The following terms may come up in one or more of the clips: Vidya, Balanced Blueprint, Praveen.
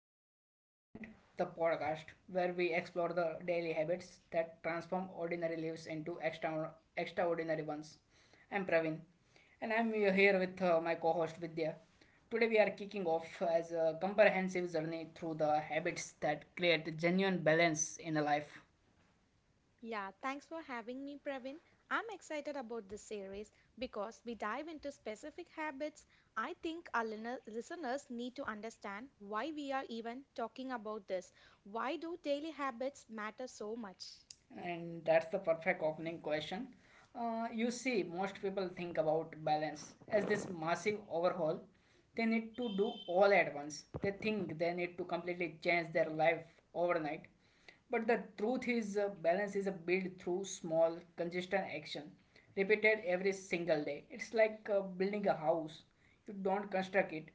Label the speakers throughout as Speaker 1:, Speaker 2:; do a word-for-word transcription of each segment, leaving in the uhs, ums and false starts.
Speaker 1: the Balanced Blueprint, the podcast where we explore the daily habits that transform ordinary lives into extra- extraordinary ones. I'm Praveen, and I'm here with uh, my co host Vidya. Today, we are kicking off as a comprehensive journey through the habits that create genuine balance in a life.
Speaker 2: Yeah, thanks for having me, Praveen. I'm excited about this series because we dive into specific habits. I think our lin- listeners need to understand why we are even talking about this. Why do daily habits matter so much?
Speaker 1: And that's the perfect opening question. Uh, you see, most people think about balance as this massive overhaul they need to do all at once. They think they need to completely change their life overnight. But the truth is, uh, balance is a built through small, consistent action, repeated every single day. It's like uh, building a house. You don't construct it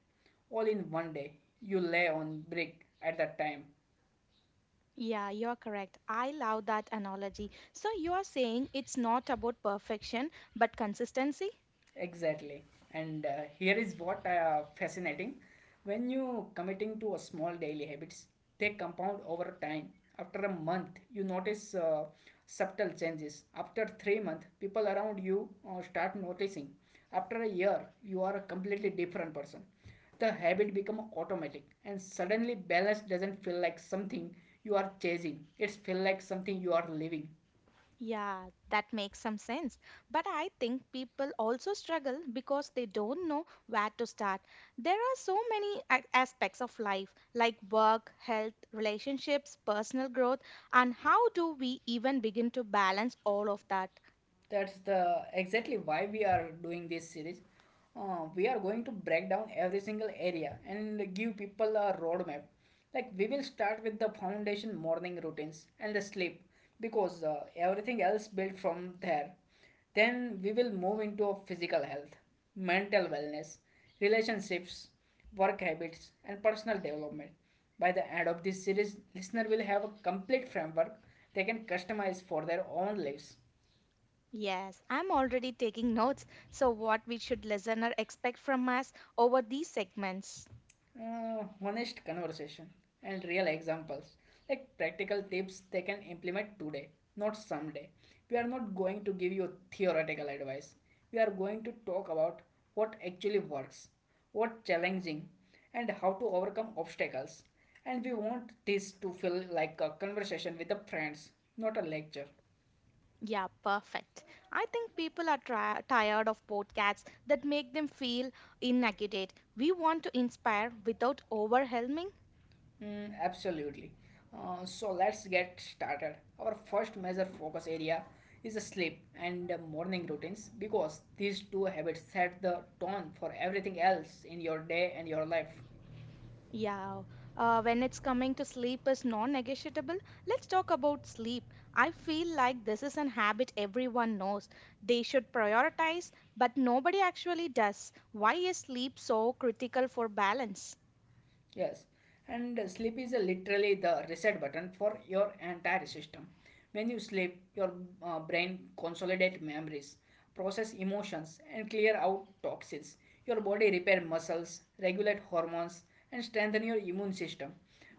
Speaker 1: all in one day. You lay on brick at a time.
Speaker 2: Yeah, you're correct. I love that analogy. So you are saying it's not about perfection but consistency?
Speaker 1: Exactly. And uh, here is what uh, fascinating. When you committing to a small daily habits, they compound over time. After a month, you notice uh, subtle changes. After three months, people around you uh, start noticing. After a year, you are a completely different person. The habit become automatic, and suddenly balance doesn't feel like something you are chasing. It's feel like something you are living.
Speaker 2: Yeah, that makes some sense. But I think people also struggle because they don't know where to start. There are so many a- aspects of life, like work, health, relationships, personal growth, and how do we even begin to balance all of that?
Speaker 1: That's the exactly why we are doing this series. Uh, we are going to break down every single area and give people a roadmap. Like we will start with the foundation morning routines and the sleep because uh, everything else built from there. Then we will move into a physical health, mental wellness, relationships, work habits, and personal development. By the end of this series, listener will have a complete framework they can customize for their own lives.
Speaker 2: Yes, I'm already taking notes. So what we should listener expect from us over these segments?
Speaker 1: Uh, honest conversation and real examples, like practical tips they can implement today, not someday. We are not going to give you theoretical advice. We are going to talk about what actually works, what challenging, and how to overcome obstacles. And we want this to feel like a conversation with the friends, not a lecture.
Speaker 2: Yeah, perfect. I think people are tri- tired of podcasts that make them feel inadequate. We want to inspire without overwhelming.
Speaker 1: Mm, absolutely. Uh, so let's get started. Our first major focus area is sleep and morning routines because these two habits set the tone for everything else in your day and your life.
Speaker 2: Yeah, uh, when it's coming to sleep is non-negotiable, let's talk about sleep. I feel like this is an habit everyone knows. They should prioritize, but nobody actually does. Why is sleep so critical for balance?
Speaker 1: Yes, and uh, sleep is uh, literally the reset button for your entire system. When you sleep, your uh, brain consolidates memories, process emotions, and clear out toxins. Your body repair muscles, regulate hormones, and strengthen your immune system.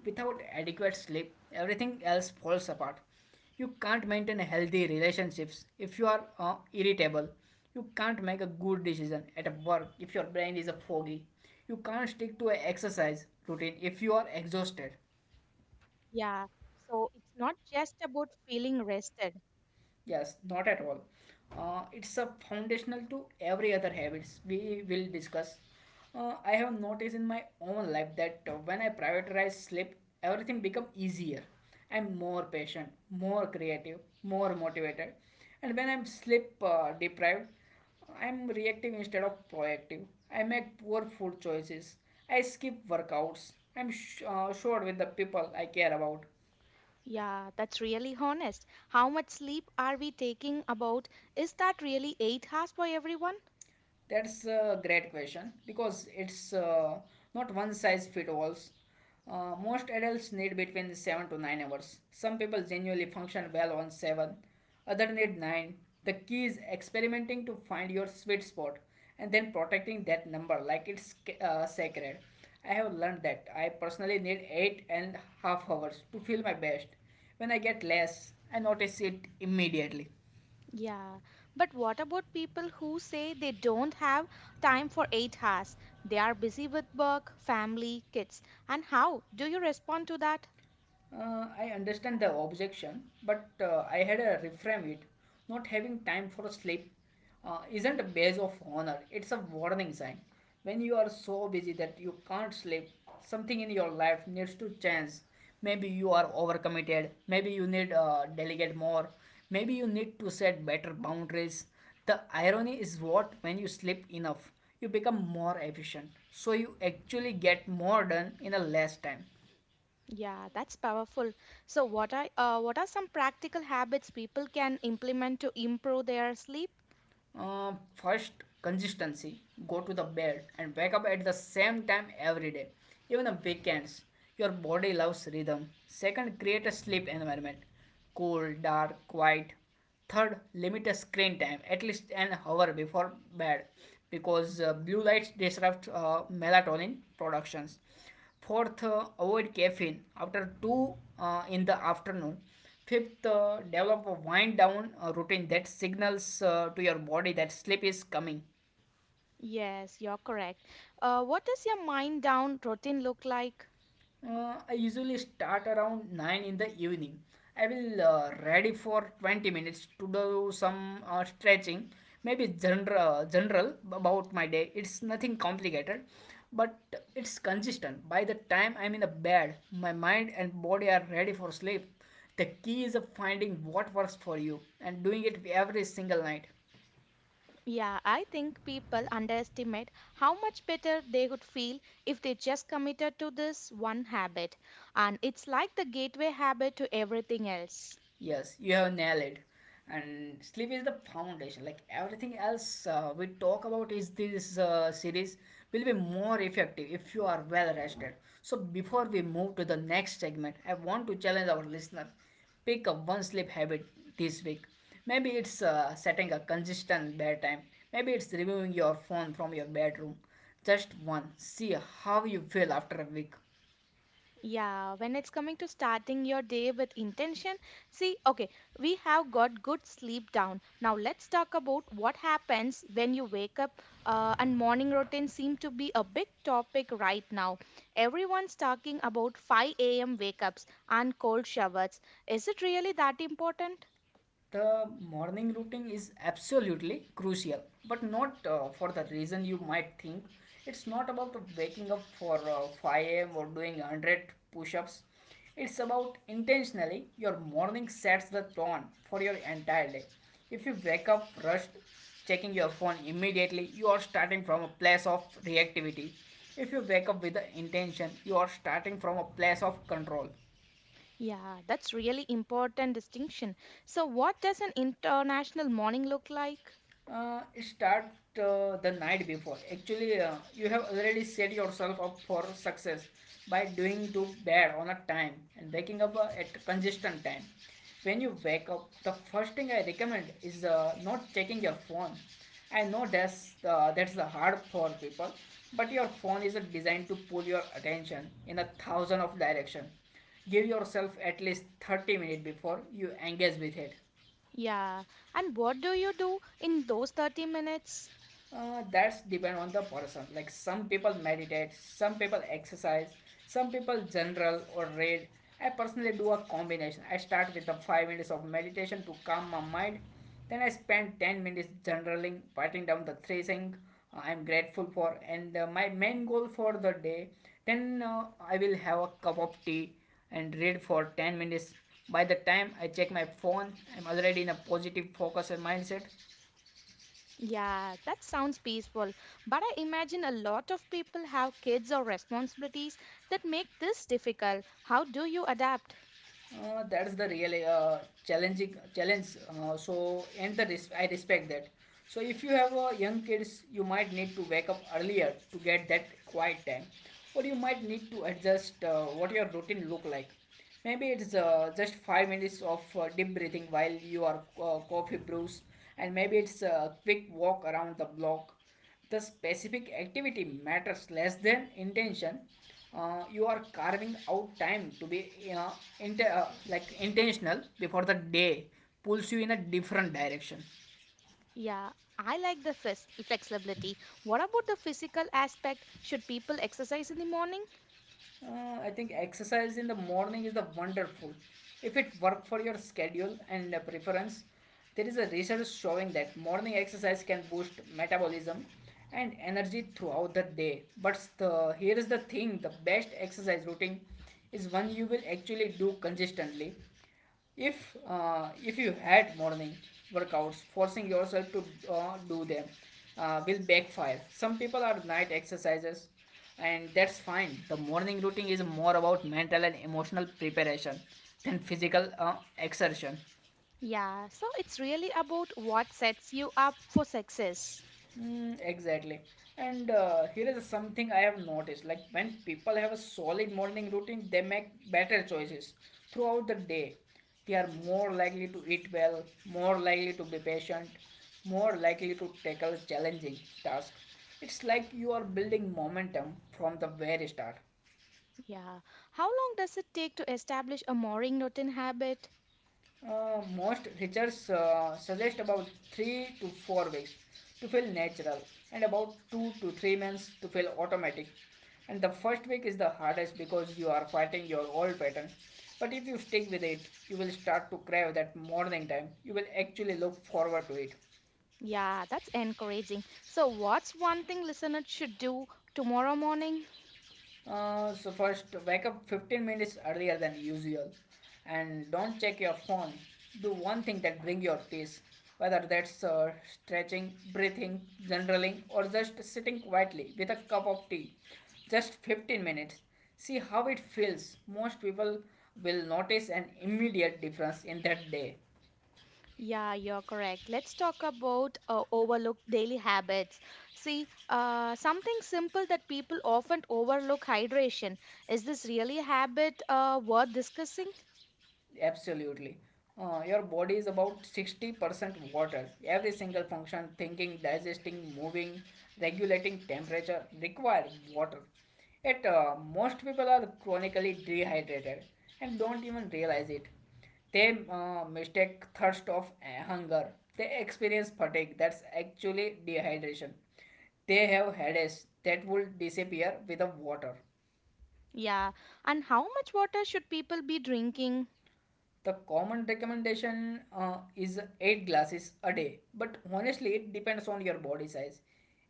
Speaker 1: Without adequate sleep, everything else falls apart. You can't maintain healthy relationships if you are uh, irritable. You can't make a good decision at work if your brain is uh, foggy. You can't stick to an exercise routine if you are exhausted.
Speaker 2: Yeah, so it's not just about feeling rested.
Speaker 1: Yes, not at all. Uh, it's a foundational to every other habits we will discuss. Uh, I have noticed in my own life that uh, when I prioritize sleep, everything become easier. I'm more patient, more creative, more motivated, and when I'm sleep uh, deprived, I'm reactive instead of proactive. I make poor food choices. I skip workouts. I'm sh- uh, short with the people I care about.
Speaker 2: Yeah, that's really honest. How much sleep are we taking about? Is that really eight hours for everyone?
Speaker 1: That's a great question because it's uh, not one size fit alls. Uh, most adults need between seven to nine hours. Some people genuinely function well on seven, others need nine. The key is experimenting to find your sweet spot and then protecting that number like it's ca- uh, sacred. I have learned that I personally need eight and half hours to feel my best. When I get less, I notice it immediately.
Speaker 2: Yeah. But what about people who say they don't have time for eight hours? They are busy with work, family, kids. And how do you respond to that?
Speaker 1: Uh, I understand the objection, but uh, I had to reframe it. Not having time for sleep uh, isn't a badge of honor, it's a warning sign. When you are so busy that you can't sleep, something in your life needs to change. Maybe you are overcommitted, maybe you need uh, delegate more, maybe you need to set better boundaries. The irony is what when you sleep enough, you become more efficient. So you actually get more done in a less time.
Speaker 2: Yeah, that's powerful. So what are uh, what are some practical habits people can implement to improve their sleep?
Speaker 1: Um, first, consistency. Go to the bed and wake up at the same time every day, even on weekends. Your body loves rhythm. Second, create a sleep environment cool, dark, quiet. Third, limit a screen time at least an hour before bed because uh, blue light disrupts uh, melatonin productions. Fourth, uh, avoid caffeine after two uh, in the afternoon. Fifth, uh, develop a wind down uh, routine that signals uh, to your body that sleep is coming.
Speaker 2: Yes, you're correct. Uh, what does your mind down routine look like?
Speaker 1: Uh, I usually start around nine in the evening. I will uh, ready for twenty minutes to do some uh, stretching, maybe general, uh, general about my day. It's nothing complicated, but it's consistent. By the time I'm in the bed, my mind and body are ready for sleep. The key is of finding what works for you and doing it every single night.
Speaker 2: Yeah, I think people underestimate how much better they would feel if they just committed to this one habit. And it's like the gateway habit to everything else.
Speaker 1: Yes, you have nailed it. And sleep is the foundation. Like everything else uh, we talk about is this uh, series will be more effective if you are well rested. So before we move to the next segment, I want to challenge our listener. Pick up one sleep habit this week. Maybe it's uh, setting a consistent bedtime. Maybe it's removing your phone from your bedroom. Just one. See how you feel after a week.
Speaker 2: Yeah, when it's coming to starting your day with intention, see, okay, we have got good sleep down. Now let's talk about what happens when you wake up. Uh, and morning routine seem to be a big topic right now. Everyone's talking about five a m wake ups and cold showers. Is it really that important?
Speaker 1: The morning routine is absolutely crucial, but not uh, for the reason you might think. It's not about waking up for uh, five a.m or doing one hundred push-ups. It's about intentionally. Your morning sets the tone for your entire day. If you wake up rushed, checking your phone immediately, you are starting from a place of reactivity. If you wake up with the intention, you are starting from a place of control.
Speaker 2: Yeah, that's really important distinction. So what does an international morning look like?
Speaker 1: Uh, start uh, the night before. Actually, uh, you have already set yourself up for success by doing to bed on a time and waking up uh, at consistent time. When you wake up, the first thing I recommend is uh, not checking your phone. I know that's uh, that's the hard for people, but your phone is uh, designed to pull your attention in a thousand of direction. Give yourself at least thirty minutes before you engage with it.
Speaker 2: Yeah, and what do you do in those thirty minutes?
Speaker 1: Uh, that's depend on the person. Like some people meditate, some people exercise, some people general or read. I personally do a combination. I start with the five minutes of meditation to calm my mind. Then I spend ten minutes generaling, writing down the three things uh, I'm grateful for and uh, my main goal for the day. Then uh, I will have a cup of tea and read for ten minutes. By the time I check my phone, I'm already in a positive focus and mindset.
Speaker 2: Yeah, that sounds peaceful. But I imagine a lot of people have kids or responsibilities that make this difficult. How do you adapt?
Speaker 1: Uh, that's the real uh, challenging challenge. Uh, so, and the res- I respect that. So if you have uh, young kids, you might need to wake up earlier to get that quiet time, or you might need to adjust uh, what your routine look like. Maybe it's uh, just five minutes of uh, deep breathing while you are uh, coffee brews, and maybe it's a quick walk around the block. The specific activity matters less than intention. Uh, you are carving out time to be you know, inte- uh, like intentional before the day pulls you in a different direction.
Speaker 2: Yeah, I like the flex- flexibility. What about the physical aspect? Should people exercise in the morning?
Speaker 1: Uh, I think exercise in the morning is the wonderful. If it work for your schedule and uh, preference, there is a research showing that morning exercise can boost metabolism and energy throughout the day. But the, here is the thing: the best exercise routine is one you will actually do consistently. If uh, if you had morning workouts, forcing yourself to uh, do them uh, will backfire. Some people are night exercises, and that's fine. The morning routine is more about mental and emotional preparation than physical uh, exertion.
Speaker 2: Yeah, so it's really about what sets you up for success.
Speaker 1: Mm, exactly. And uh, here is something I have noticed. Like when people have a solid morning routine, they make better choices throughout the day. They are more likely to eat well, more likely to be patient, more likely to tackle challenging tasks. It's like you are building momentum from the very start.
Speaker 2: Yeah. How long does it take to establish a morning routine habit?
Speaker 1: Uh, most researchers uh, suggest about three to four weeks to feel natural and about two to three months to feel automatic. And the first week is the hardest because you are fighting your old pattern. But if you stick with it, you will start to crave that morning time. You will actually look forward to it.
Speaker 2: Yeah, that's encouraging. So what's one thing listeners should do tomorrow morning?
Speaker 1: Uh, so first, wake up fifteen minutes earlier than usual, and don't check your phone. Do one thing that bring your peace, whether that's uh, stretching, breathing, journaling, or just sitting quietly with a cup of tea. Just fifteen minutes. See how it feels. Most people will notice an immediate difference in that day.
Speaker 2: Yeah, you're correct. Let's talk about uh, overlooked daily habits. See, uh, something simple that people often overlook hydration. Is this really a habit uh, worth discussing?
Speaker 1: Absolutely. Uh, your body is about sixty percent water. Every single function, thinking, digesting, moving, regulating temperature, require water. Yet uh, most people are chronically dehydrated and don't even realize it. They uh, mistake thirst of uh, hunger. They experience fatigue. That's actually dehydration. They have headaches that will disappear with the water.
Speaker 2: Yeah. And how much water should people be drinking?
Speaker 1: The common recommendation uh, is eight glasses a day, but honestly, it depends on your body size,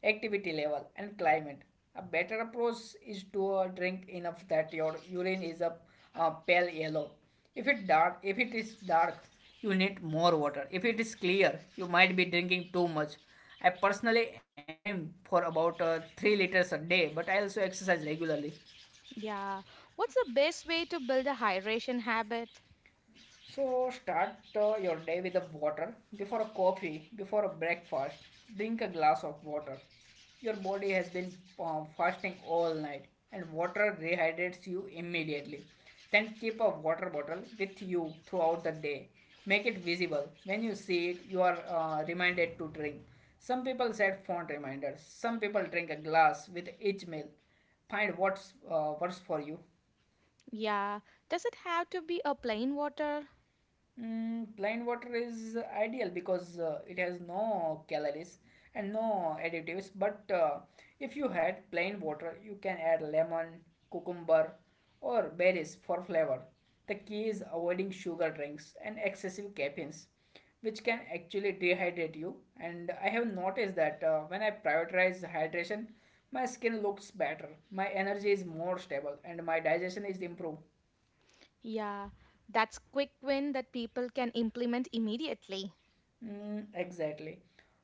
Speaker 1: activity level, and climate. A better approach is to uh, drink enough that your urine is a uh, pale yellow. If it dark, if it is dark, you need more water. If it is clear, you might be drinking too much. I personally aim for about uh, three liters a day, but I also exercise regularly.
Speaker 2: Yeah. What's the best way to build a hydration habit?
Speaker 1: So start uh, your day with the water. Before a coffee, before a breakfast, drink a glass of water. Your body has been um, fasting all night and water rehydrates you immediately. Then keep a water bottle with you throughout the day. Make it visible. When you see it, you are uh, reminded to drink. Some people set font reminders. Some people drink a glass with each meal. Find what's uh, works for you.
Speaker 2: Yeah. Does it have to be a plain water?
Speaker 1: Mm, plain water is ideal because uh, it has no calories and no additives. But uh, if you had plain water, you can add lemon, cucumber, or berries for flavor. The key is avoiding sugar drinks and excessive caffeines, which can actually dehydrate you. And I have noticed that uh, when I prioritize hydration, my skin looks better, my energy is more stable, and my digestion is improved.
Speaker 2: Yeah. That's quick win that people can implement immediately.
Speaker 1: Mm, exactly.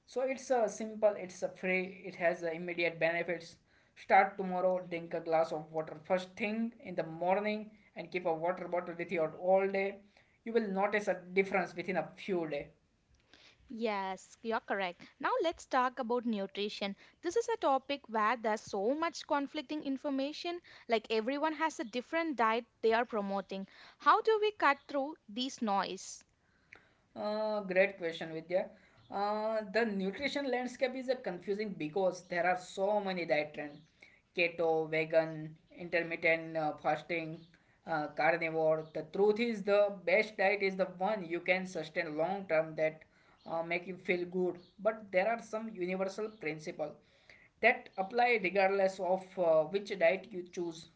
Speaker 1: So it's a simple, it's a free, it has uh, immediate benefits. Start tomorrow, drink a glass of water first thing in the morning and keep a water bottle with you all day. You will notice a difference within a few days.
Speaker 2: Yes, you're correct. Now let's talk about nutrition. This is a topic where there's so much conflicting information, like everyone has a different diet they are promoting. How do we cut through this noise?
Speaker 1: Uh, great question, Vidya. Uh, the nutrition landscape is a confusing because there are so many diet trends: keto, vegan, intermittent uh, fasting, uh, carnivore. The truth is, the best diet is the one you can sustain long term that uh, make you feel good. But there are some universal principles that apply regardless of uh, which diet you choose.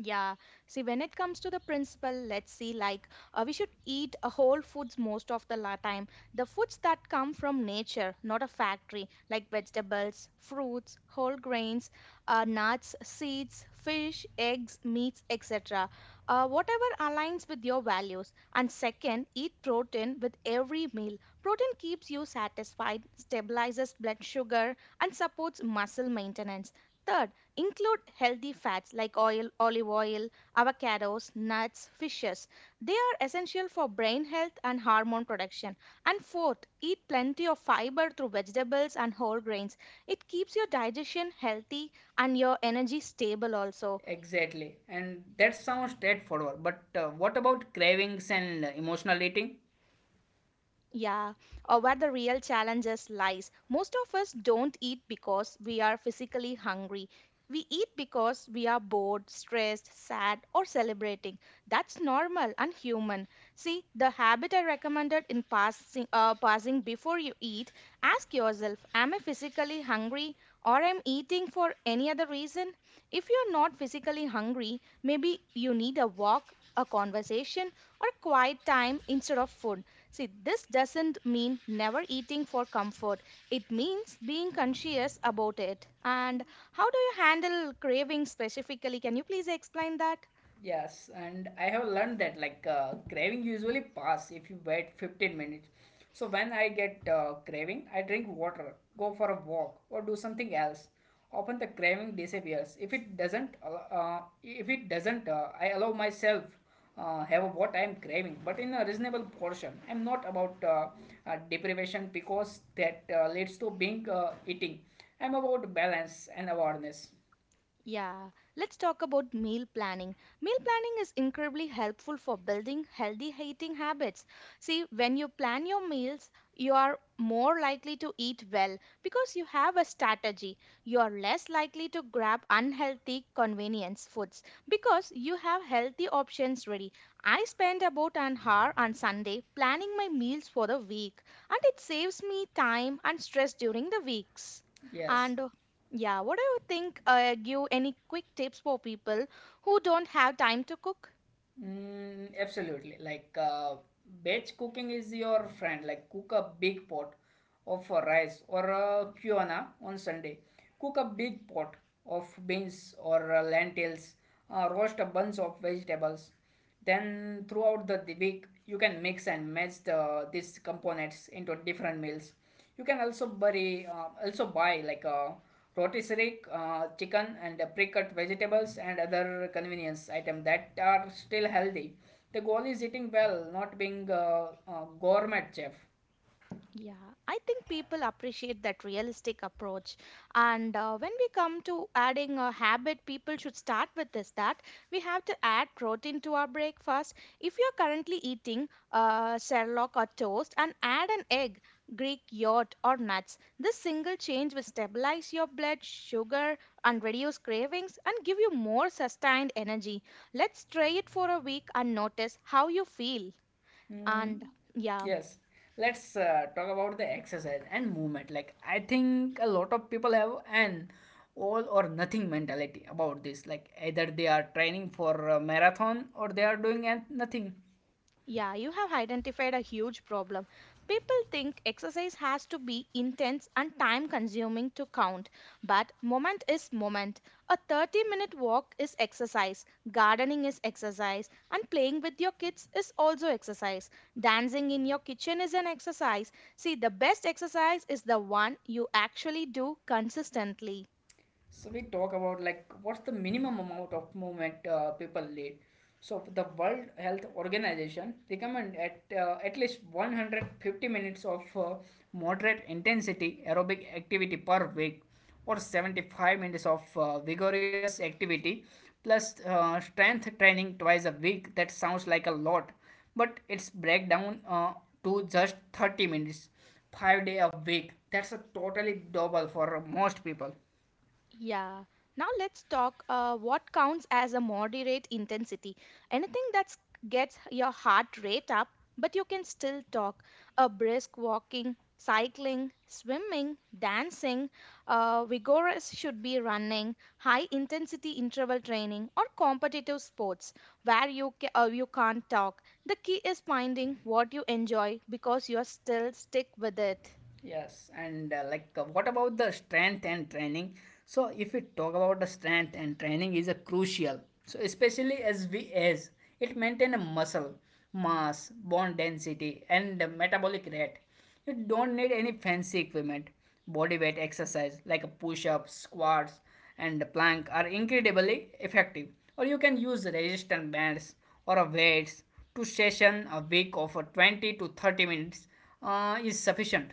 Speaker 2: Yeah. See, when it comes to the principle, let's see, like uh, we should eat a whole foods most of the la- time. The foods that come from nature, not a factory, like vegetables, fruits, whole grains, uh, nuts, seeds, fish, eggs, meats, et cetera. Uh, whatever aligns with your values. And second, eat protein with every meal. Protein keeps you satisfied, stabilizes blood sugar, and supports muscle maintenance. Third, include healthy fats like oil, olive oil, avocados, nuts, fishes. They are essential for brain health and hormone production. And fourth, eat plenty of fiber through vegetables and whole grains. It keeps your digestion healthy and your energy stable also.
Speaker 1: Exactly, and that sounds straightforward. But uh, what about cravings and emotional eating?
Speaker 2: Yeah, or where the real challenges lies. Most of us don't eat because we are physically hungry. We eat because we are bored, stressed, sad, or celebrating. That's normal and human. See, the habit I recommended in passing, uh, passing before you eat, ask yourself, am I physically hungry or am eating for any other reason? If you're not physically hungry, maybe you need a walk, a conversation, or quiet time instead of food. See, this doesn't mean never eating for comfort. It means being conscious about it. And how do you handle cravings specifically? Can you please explain that?
Speaker 1: Yes, and I have learned that like uh, craving usually pass if you wait fifteen minutes. So when I get uh, craving, I drink water, go for a walk, or do something else. Often the craving disappears. If it doesn't, al- uh, if it doesn't, uh, I allow myself uh, have what I am craving, but in a reasonable portion. I'm not about uh, uh, deprivation because that uh, leads to being uh, eating. I'm about balance and awareness.
Speaker 2: Yeah, let's talk about meal planning. Meal planning is incredibly helpful for building healthy eating habits. See, when you plan your meals, you are more likely to eat well because you have a strategy. You are less likely to grab unhealthy convenience foods because you have healthy options ready. I spend about an hour on Sunday planning my meals for the week, and it saves me time and stress during the weeks.
Speaker 1: Yes.
Speaker 2: And yeah, what do you think? Uh, give any quick tips for people who don't have time to cook?
Speaker 1: Mm, absolutely. Like uh, batch cooking is your friend. Like cook a big pot of uh, rice or uh, quinoa on Sunday. Cook a big pot of beans or uh, lentils. Uh, roast a bunch of vegetables. Then throughout the, the week, you can mix and match the, these components into different meals. You can also buy, uh, also buy like a rotisserie uh, chicken and uh, pre-cut vegetables and other convenience items that are still healthy. The goal is eating well, not being a, a gourmet chef.
Speaker 2: Yeah, I think people appreciate that realistic approach. And uh, when we come to adding a habit, people should start with is that we have to add protein to our breakfast. If you're currently eating uh, Sherlock or toast, and add an egg, Greek yogurt, or nuts. This single change will stabilize your blood sugar and reduce cravings and give you more sustained energy. Let's try it for a week and notice how you feel. And
Speaker 1: Mm,
Speaker 2: yeah.
Speaker 1: yes. Let's uh, talk about the exercise and movement. Like I think a lot of people have an all or nothing mentality about this. Like either they are training for a marathon or they are doing an- nothing.
Speaker 2: Yeah, you have identified a huge problem. People think exercise has to be intense and time consuming to count, but moment is moment. A thirty minute walk is exercise, gardening is exercise, and playing with your kids is also exercise. Dancing in your kitchen is an exercise. See, the best exercise is the one you actually do consistently.
Speaker 1: So we talk about like what's the minimum amount of movement uh, people need. So the World Health Organization recommend at uh, at least one hundred fifty minutes of uh, moderate intensity aerobic activity per week, or seventy-five minutes of uh, vigorous activity, plus uh, strength training twice a week. That sounds like a lot, but it's breakdown uh, to just thirty minutes, five day a week. That's a totally double for most people.
Speaker 2: Yeah. Now let's talk uh, what counts as a moderate intensity. Anything that gets your heart rate up, but you can still talk. A brisk walking, cycling, swimming, dancing, uh, vigorous should be running, high intensity interval training, or competitive sports where you, ca- uh, you can't talk. The key is finding what you enjoy because you are still stick with it.
Speaker 1: Yes, and uh, like uh, what about the strength and training? So if we talk about the strength and training is a crucial. So especially as we age, it maintain a muscle mass, bone density, and the metabolic rate. You don't need any fancy equipment. Body weight exercise like a push-ups, squats, and plank are incredibly effective. Or you can use resistance bands or a weights. To session a week of uh, twenty to thirty minutes uh, is sufficient.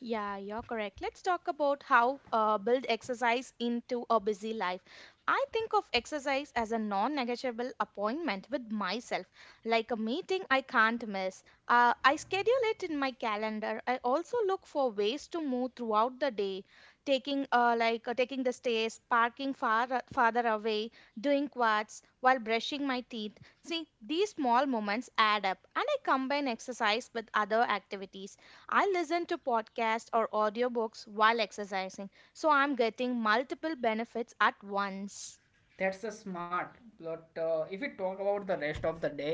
Speaker 2: Yeah, you're correct. Let's talk about how uh, build exercise into a busy life. I think of exercise as a non negotiable appointment with myself, like a meeting I can't miss. Uh, I schedule it in my calendar. I also look for ways to move throughout the day, taking uh, like uh, taking the stairs, parking far uh, farther away, doing quads while brushing my teeth. See, these small moments add up, and I combine exercise with other activities I listen to podcasts or audiobooks while exercising, so I'm getting multiple benefits at once.
Speaker 1: That's the smart but uh, if we talk about the rest of the day,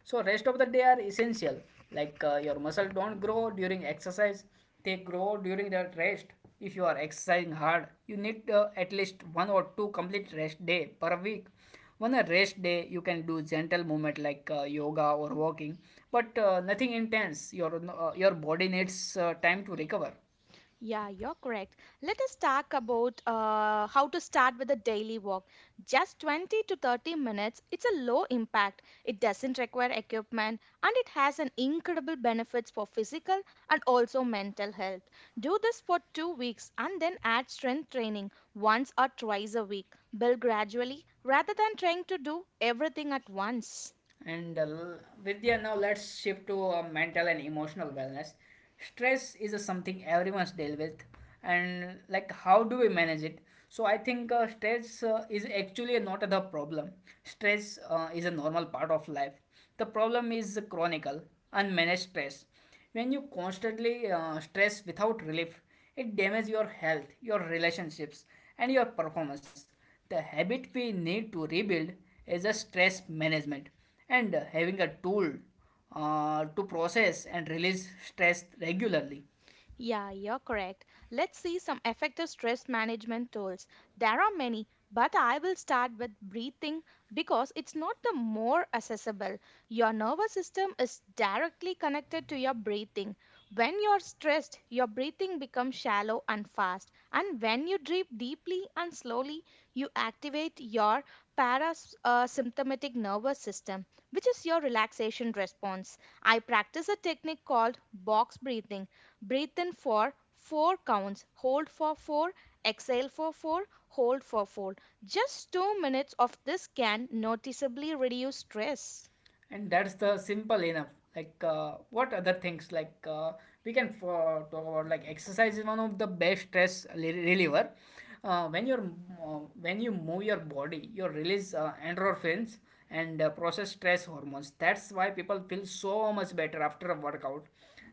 Speaker 1: so rest of the day are essential, like uh, your muscle don't grow during exercise, they grow during that rest. If you are exercising hard you need uh, at least one or two complete rest day per week. On a rest day you can do gentle movement like uh, yoga or walking, but uh, nothing intense. Your uh, your body needs uh, time to recover.
Speaker 2: Yeah, you're correct. Let us talk about uh, how to start with a daily walk. Just twenty to thirty minutes. It's a low impact. It doesn't require equipment and it has an incredible benefits for physical and also mental health. Do this for two weeks and then add strength training once or twice a week. Build gradually rather than trying to do everything at once.
Speaker 1: And uh, Vidya, now let's shift to uh, mental and emotional wellness. Stress is a something everyone's deal with, and like how do we manage it? So I think uh, stress uh, is actually not the problem. Stress uh, is a normal part of life. The problem is the chronic, unmanaged stress. When you constantly uh, stress without relief, it damages your health, your relationships, and your performance. The habit we need to rebuild is a stress management and having a tool uh, to process and release stress regularly.
Speaker 2: Yeah, you're correct. Let's see some effective stress management tools. There are many, but I will start with breathing because it's not the more accessible. Your nervous system is directly connected to your breathing. When you're stressed, your breathing becomes shallow and fast. And when you breathe deeply and slowly, you activate your parasympathetic nervous system, which is your relaxation response. I practice a technique called box breathing. Breathe in for four counts, hold for four, exhale for four, hold for four. Just two minutes of this can noticeably reduce stress.
Speaker 1: And that's the simple enough. Like uh, what other things like uh, we can for, talk about like exercise is one of the best stress rel- reliever. Uh, when you're uh, when you move your body you release uh, endorphins and uh, process stress hormones. That's why people feel so much better after a workout.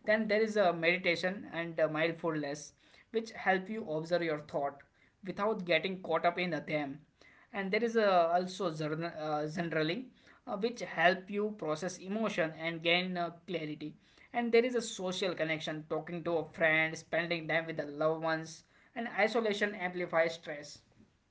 Speaker 1: Then there is a meditation and uh, mindfulness which help you observe your thought without getting caught up in them. And there is a also journa- uh, journaling uh, which help you process emotion and gain uh, clarity. And there is a social connection, talking to a friend, spending time with the loved ones, and isolation amplifies stress.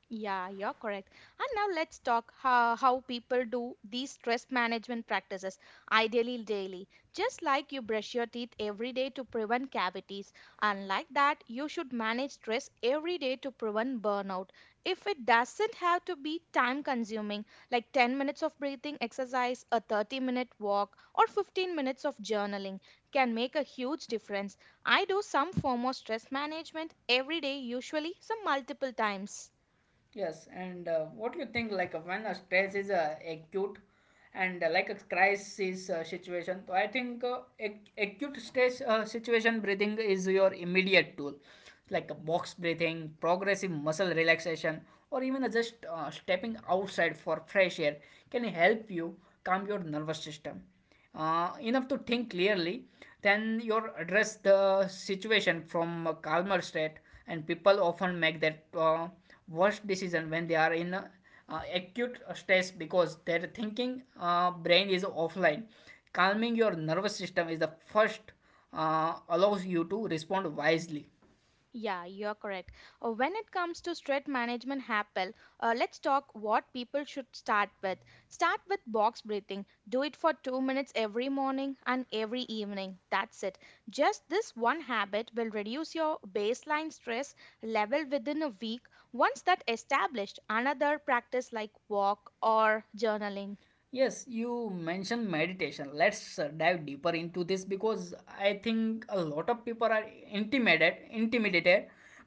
Speaker 2: Yeah, you're correct. And now let's talk how, how people do these stress management practices, ideally daily. Just like you brush your teeth every day to prevent cavities, and like that, you should manage stress every day to prevent burnout. If it doesn't have to be time consuming, like ten minutes of breathing exercise, a thirty minute walk, or fifteen minutes of journaling, can make a huge difference. I do some form of stress management every day, usually some multiple times.
Speaker 1: Yes, and uh, what do you think? Like uh, when a stress is uh, acute and uh, like a crisis uh, situation, so I think uh, ac- acute stress uh, situation breathing is your immediate tool, like a box breathing, progressive muscle relaxation, or even uh, just uh, stepping outside for fresh air can help you calm your nervous system uh, enough to think clearly, then you address the situation from a calmer state. And people often make that uh, worst decision when they are in a, uh, acute stress because their thinking uh, brain is offline. Calming your nervous system is the first uh, allows you to respond wisely.
Speaker 2: Yeah, you're correct. Uh, When it comes to stress management happen, uh, let's talk what people should start with. Start with box breathing. Do it for two minutes every morning and every evening. That's it. Just this one habit will reduce your baseline stress level within a week. Once that established, another practice like walk or journaling.
Speaker 1: Yes, you mentioned meditation. Let's uh, dive deeper into this because I think a lot of people are intimidated intimidated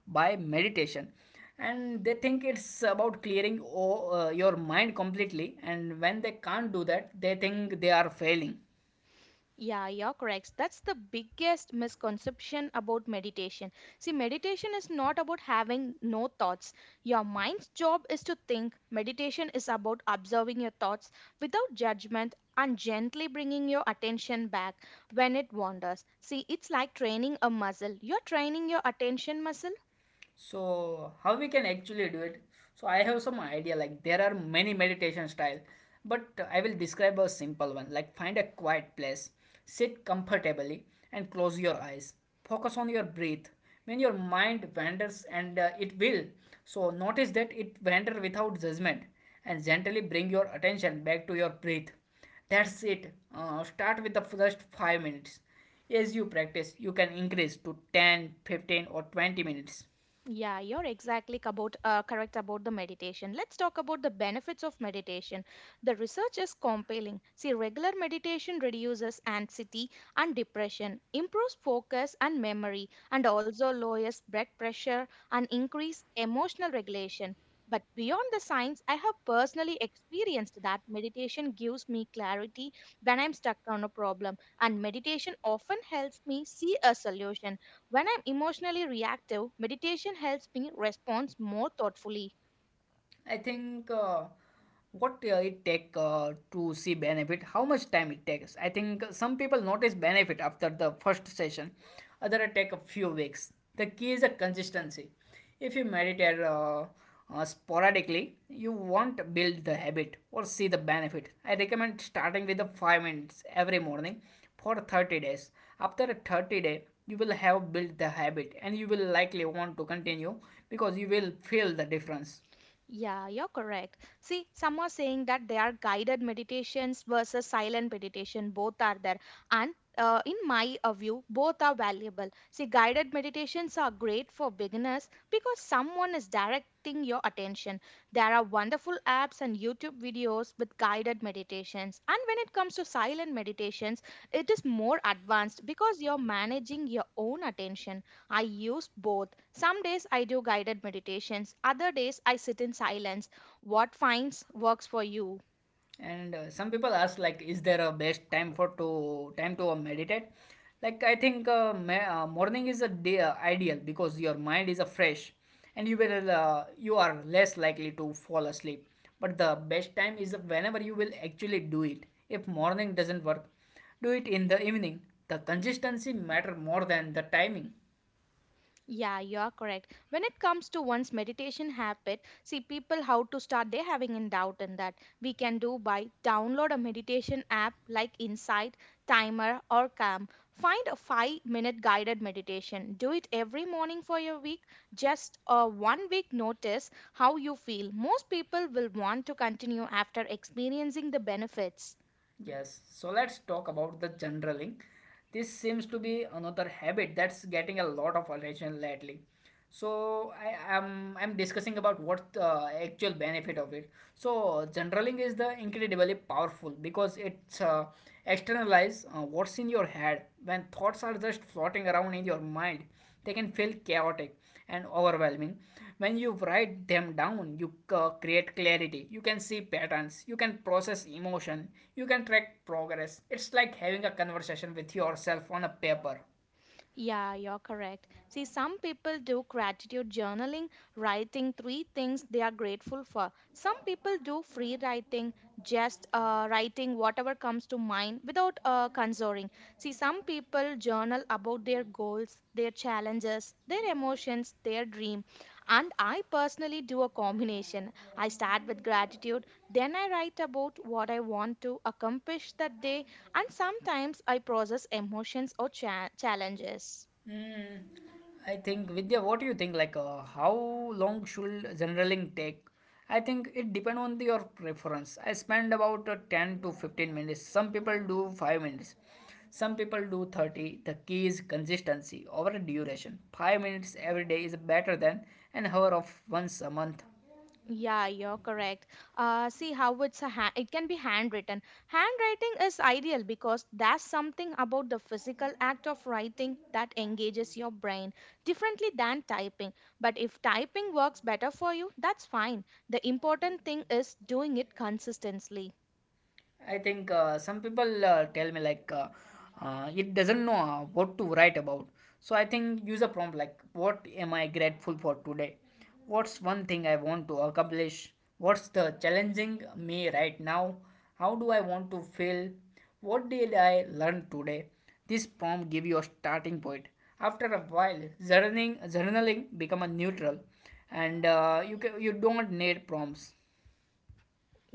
Speaker 1: by meditation and they think it's about clearing o- uh, your mind completely and when they can't do that they think they are failing.
Speaker 2: Yeah, you're correct. That's the biggest misconception about meditation. See, meditation is not about having no thoughts. Your mind's job is to think. Meditation is about observing your thoughts without judgment and gently bringing your attention back when it wanders. See, it's like training a muscle. You're training your attention muscle.
Speaker 1: So how we can actually do it? So I have some idea. Like there are many meditation style, but I will describe a simple one. Like find a quiet place, sit comfortably, and close your eyes. Focus on your breath. When your mind wanders, and uh, it will, so notice that it wander without judgment and gently bring your attention back to your breath. That's it. Uh, start with the first five minutes. As you practice you can increase to ten, fifteen, or twenty minutes.
Speaker 2: Yeah, you're exactly about, uh, correct about the meditation. Let's talk about the benefits of meditation. The research is compelling. See, regular meditation reduces anxiety and depression, improves focus and memory, and also lowers blood pressure and increase emotional regulation. But beyond the science, I have personally experienced that meditation gives me clarity when I'm stuck on a problem, and meditation often helps me see a solution. When I'm emotionally reactive, meditation helps me respond more thoughtfully.
Speaker 1: I think uh, what uh, it take uh, to see benefit, how much time it takes. I think some people notice benefit after the first session, other it take a few weeks. The key is a consistency. If you meditate uh, uh, sporadically, you won't build the habit or see the benefit. I recommend starting with the five minutes every morning for thirty days. After a thirty day, you will have built the habit and you will likely want to continue because you will feel the difference.
Speaker 2: Yeah, you're correct. See, some are saying that there are guided meditations versus silent meditation. Both are there. And uh, in my uh, view, both are valuable. See, guided meditations are great for beginners because someone is directing your attention. There are wonderful apps and YouTube videos with guided meditations. And when it comes to silent meditations, it is more advanced because you're managing your own attention. I use both. Some days I do guided meditations, other days I sit in silence. What finds works for you?
Speaker 1: And uh, some people ask like is there a best time for to time to uh, meditate. Like I think uh, ma- uh, morning is a day uh, ideal because your mind is uh, fresh and you will uh, you are less likely to fall asleep. But the best time is whenever you will actually do it. If morning doesn't work, do it in the evening. The consistency matter more than the timing.
Speaker 2: Yeah, you are correct. When it comes to one's meditation habit, see people how to start, they're having in doubt in that. We can do by download a meditation app like Insight, Timer, or Calm. Find a five minute guided meditation. Do it every morning for your week. Just a one week notice how you feel. Most people will want to continue after experiencing the benefits.
Speaker 1: Yes, so let's talk about the journaling. This seems to be another habit that's getting a lot of attention lately. So I am I'm, I'm discussing about what the actual benefit of it. So journaling is the incredibly powerful because it uh, externalize uh, what's in your head. When thoughts are just floating around in your mind they can feel chaotic and overwhelming. When you write them down you c- create clarity, you can see patterns, you can process emotion, you can track progress. It's like having a conversation with yourself on a paper.
Speaker 2: Yeah, you're correct. See, some people do gratitude journaling, writing three things they are grateful for. Some people do free writing, just uh, writing whatever comes to mind without uh, consoring. See, some people journal about their goals, their challenges, their emotions, their dream. And I personally do a combination. I start with gratitude, then I write about what I want to accomplish that day, and sometimes I process emotions or cha- challenges.
Speaker 1: Mm, I think Vidya, what do you think? Like, uh, how long should generaling take? I think it depends on the, your preference. I spend about uh, ten to fifteen minutes. Some people do five minutes. Some people do thirty. The key is consistency over duration. five minutes every day is better than an hour of once a month.
Speaker 2: Yeah, you're correct. Uh, see how it's a ha- it can be handwritten. Handwriting is ideal because that's something about the physical act of writing that engages your brain differently than typing. But if typing works better for you, that's fine. The important thing is doing it consistently.
Speaker 1: I think uh, some people uh, tell me like uh, uh, it doesn't know uh, what to write about. So I think use a prompt like what am I grateful for today? What's one thing I want to accomplish? What's the challenging me right now? How do I want to feel? What did I learn today? This prompt give you a starting point. After a while, journaling journaling become a neutral, and uh, you can, you don't need prompts.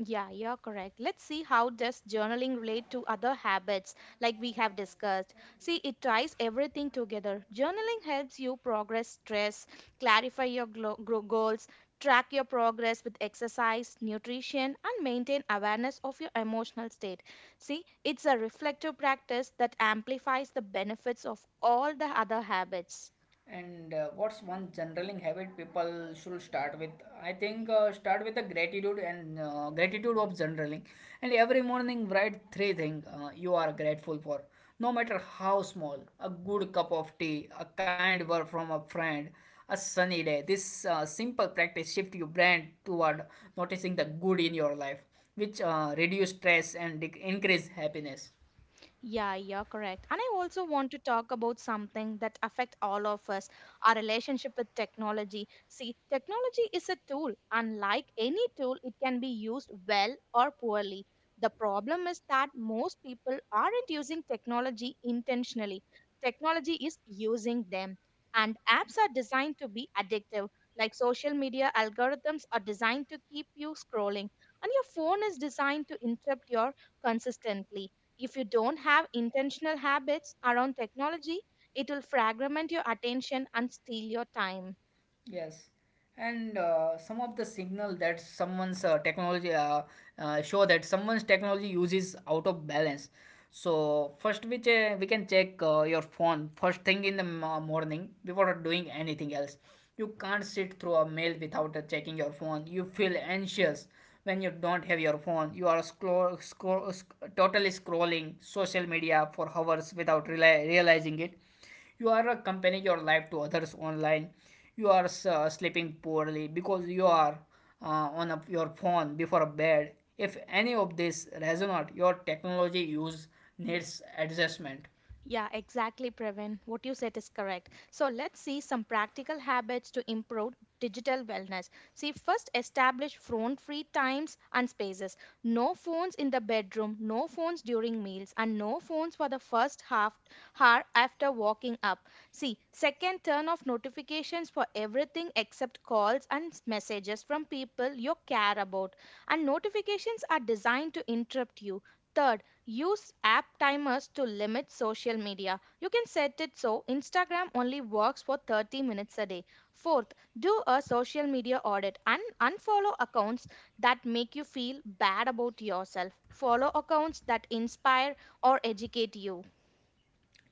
Speaker 2: Yeah, you're correct. Let's see how does journaling relate to other habits like we have discussed. See, it ties everything together. Journaling helps you progress stress, clarify your glo- gro- goals, track your progress with exercise, nutrition, and maintain awareness of your emotional state. See, it's a reflective practice that amplifies the benefits of all the other habits.
Speaker 1: And uh, what's one journaling habit people should start with? I think uh, start with the gratitude and uh, gratitude of journaling. And every morning write three things uh, you are grateful for, no matter how small. A good cup of tea, a kind word from a friend, a sunny day. This uh, simple practice shift your brain toward noticing the good in your life, which uh, reduce stress and dec- increase happiness.
Speaker 2: Yeah, you're correct. And I also want to talk about something that affect all of us, our relationship with technology. See, technology is a tool, and like any tool, it can be used well or poorly. The problem is that most people aren't using technology intentionally. Technology is using them. And apps are designed to be addictive. Like social media algorithms are designed to keep you scrolling. And your phone is designed to interrupt your consistently if you don't have intentional habits around technology, it will fragment your attention and steal your time.
Speaker 1: Yes, and uh, some of the signal that someone's uh, technology uh, uh, show that someone's technology uses out of balance. So first, we che- we can check uh, your phone first thing in the mo- morning before doing anything else. You can't sit through a mail without uh, checking your phone. You feel anxious when you don't have your phone. You are scroll, scroll, sc- totally scrolling social media for hours without reali- realizing it. You are uh, comparing your life to others online. You are uh, sleeping poorly because you are uh, on a, your phone before bed. If any of this resonate, your technology use needs adjustment.
Speaker 2: Yeah, exactly, Pravin. What you said is correct. So let's see some practical habits to improve digital wellness. See, first establish phone free times and spaces. No phones in the bedroom, no phones during meals, and no phones for the first half hour after waking up. See, second, turn off notifications for everything except calls and messages from people you care about. And notifications are designed to interrupt you. Third, use app timers to limit social media. You can set it so Instagram only works for thirty minutes a day. Fourth, do a social media audit and unfollow accounts that make you feel bad about yourself. Follow accounts that inspire or educate you.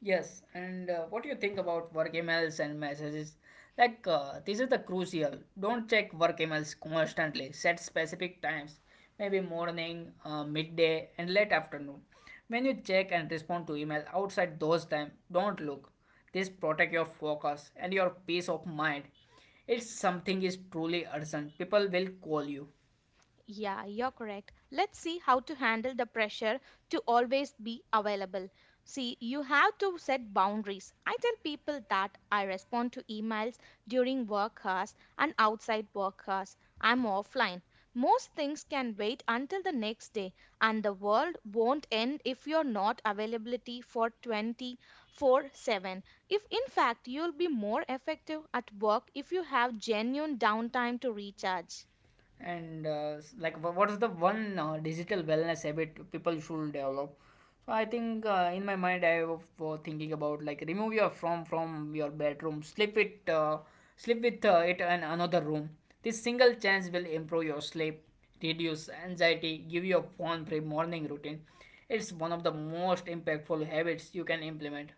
Speaker 1: Yes, and uh, what do you think about work emails and messages? Like, uh, these are the crucial. Don't check work emails constantly. Set specific times, maybe morning, uh, midday, and late afternoon. When you check and respond to email outside those time, don't look. This protect your focus and your peace of mind. If something is truly urgent, people will call you.
Speaker 2: Yeah, you're correct. Let's see how to handle the pressure to always be available. See, you have to set boundaries. I tell people that I respond to emails during work hours, and outside work hours I'm offline. Most things can wait until the next day, and the world won't end if you're not availability for twenty-four seven. If in fact you'll be more effective at work if you have genuine downtime to recharge.
Speaker 1: And uh, s- like wha- what is the one uh, digital wellness habit people should develop? So I think uh, in my mind I was uh, thinking about like remove your from from your bedroom, sleep it uh, sleep with uh, it in another room. This single chance will improve your sleep, reduce anxiety, give you a phone free morning routine. It's one of the most impactful habits you can implement.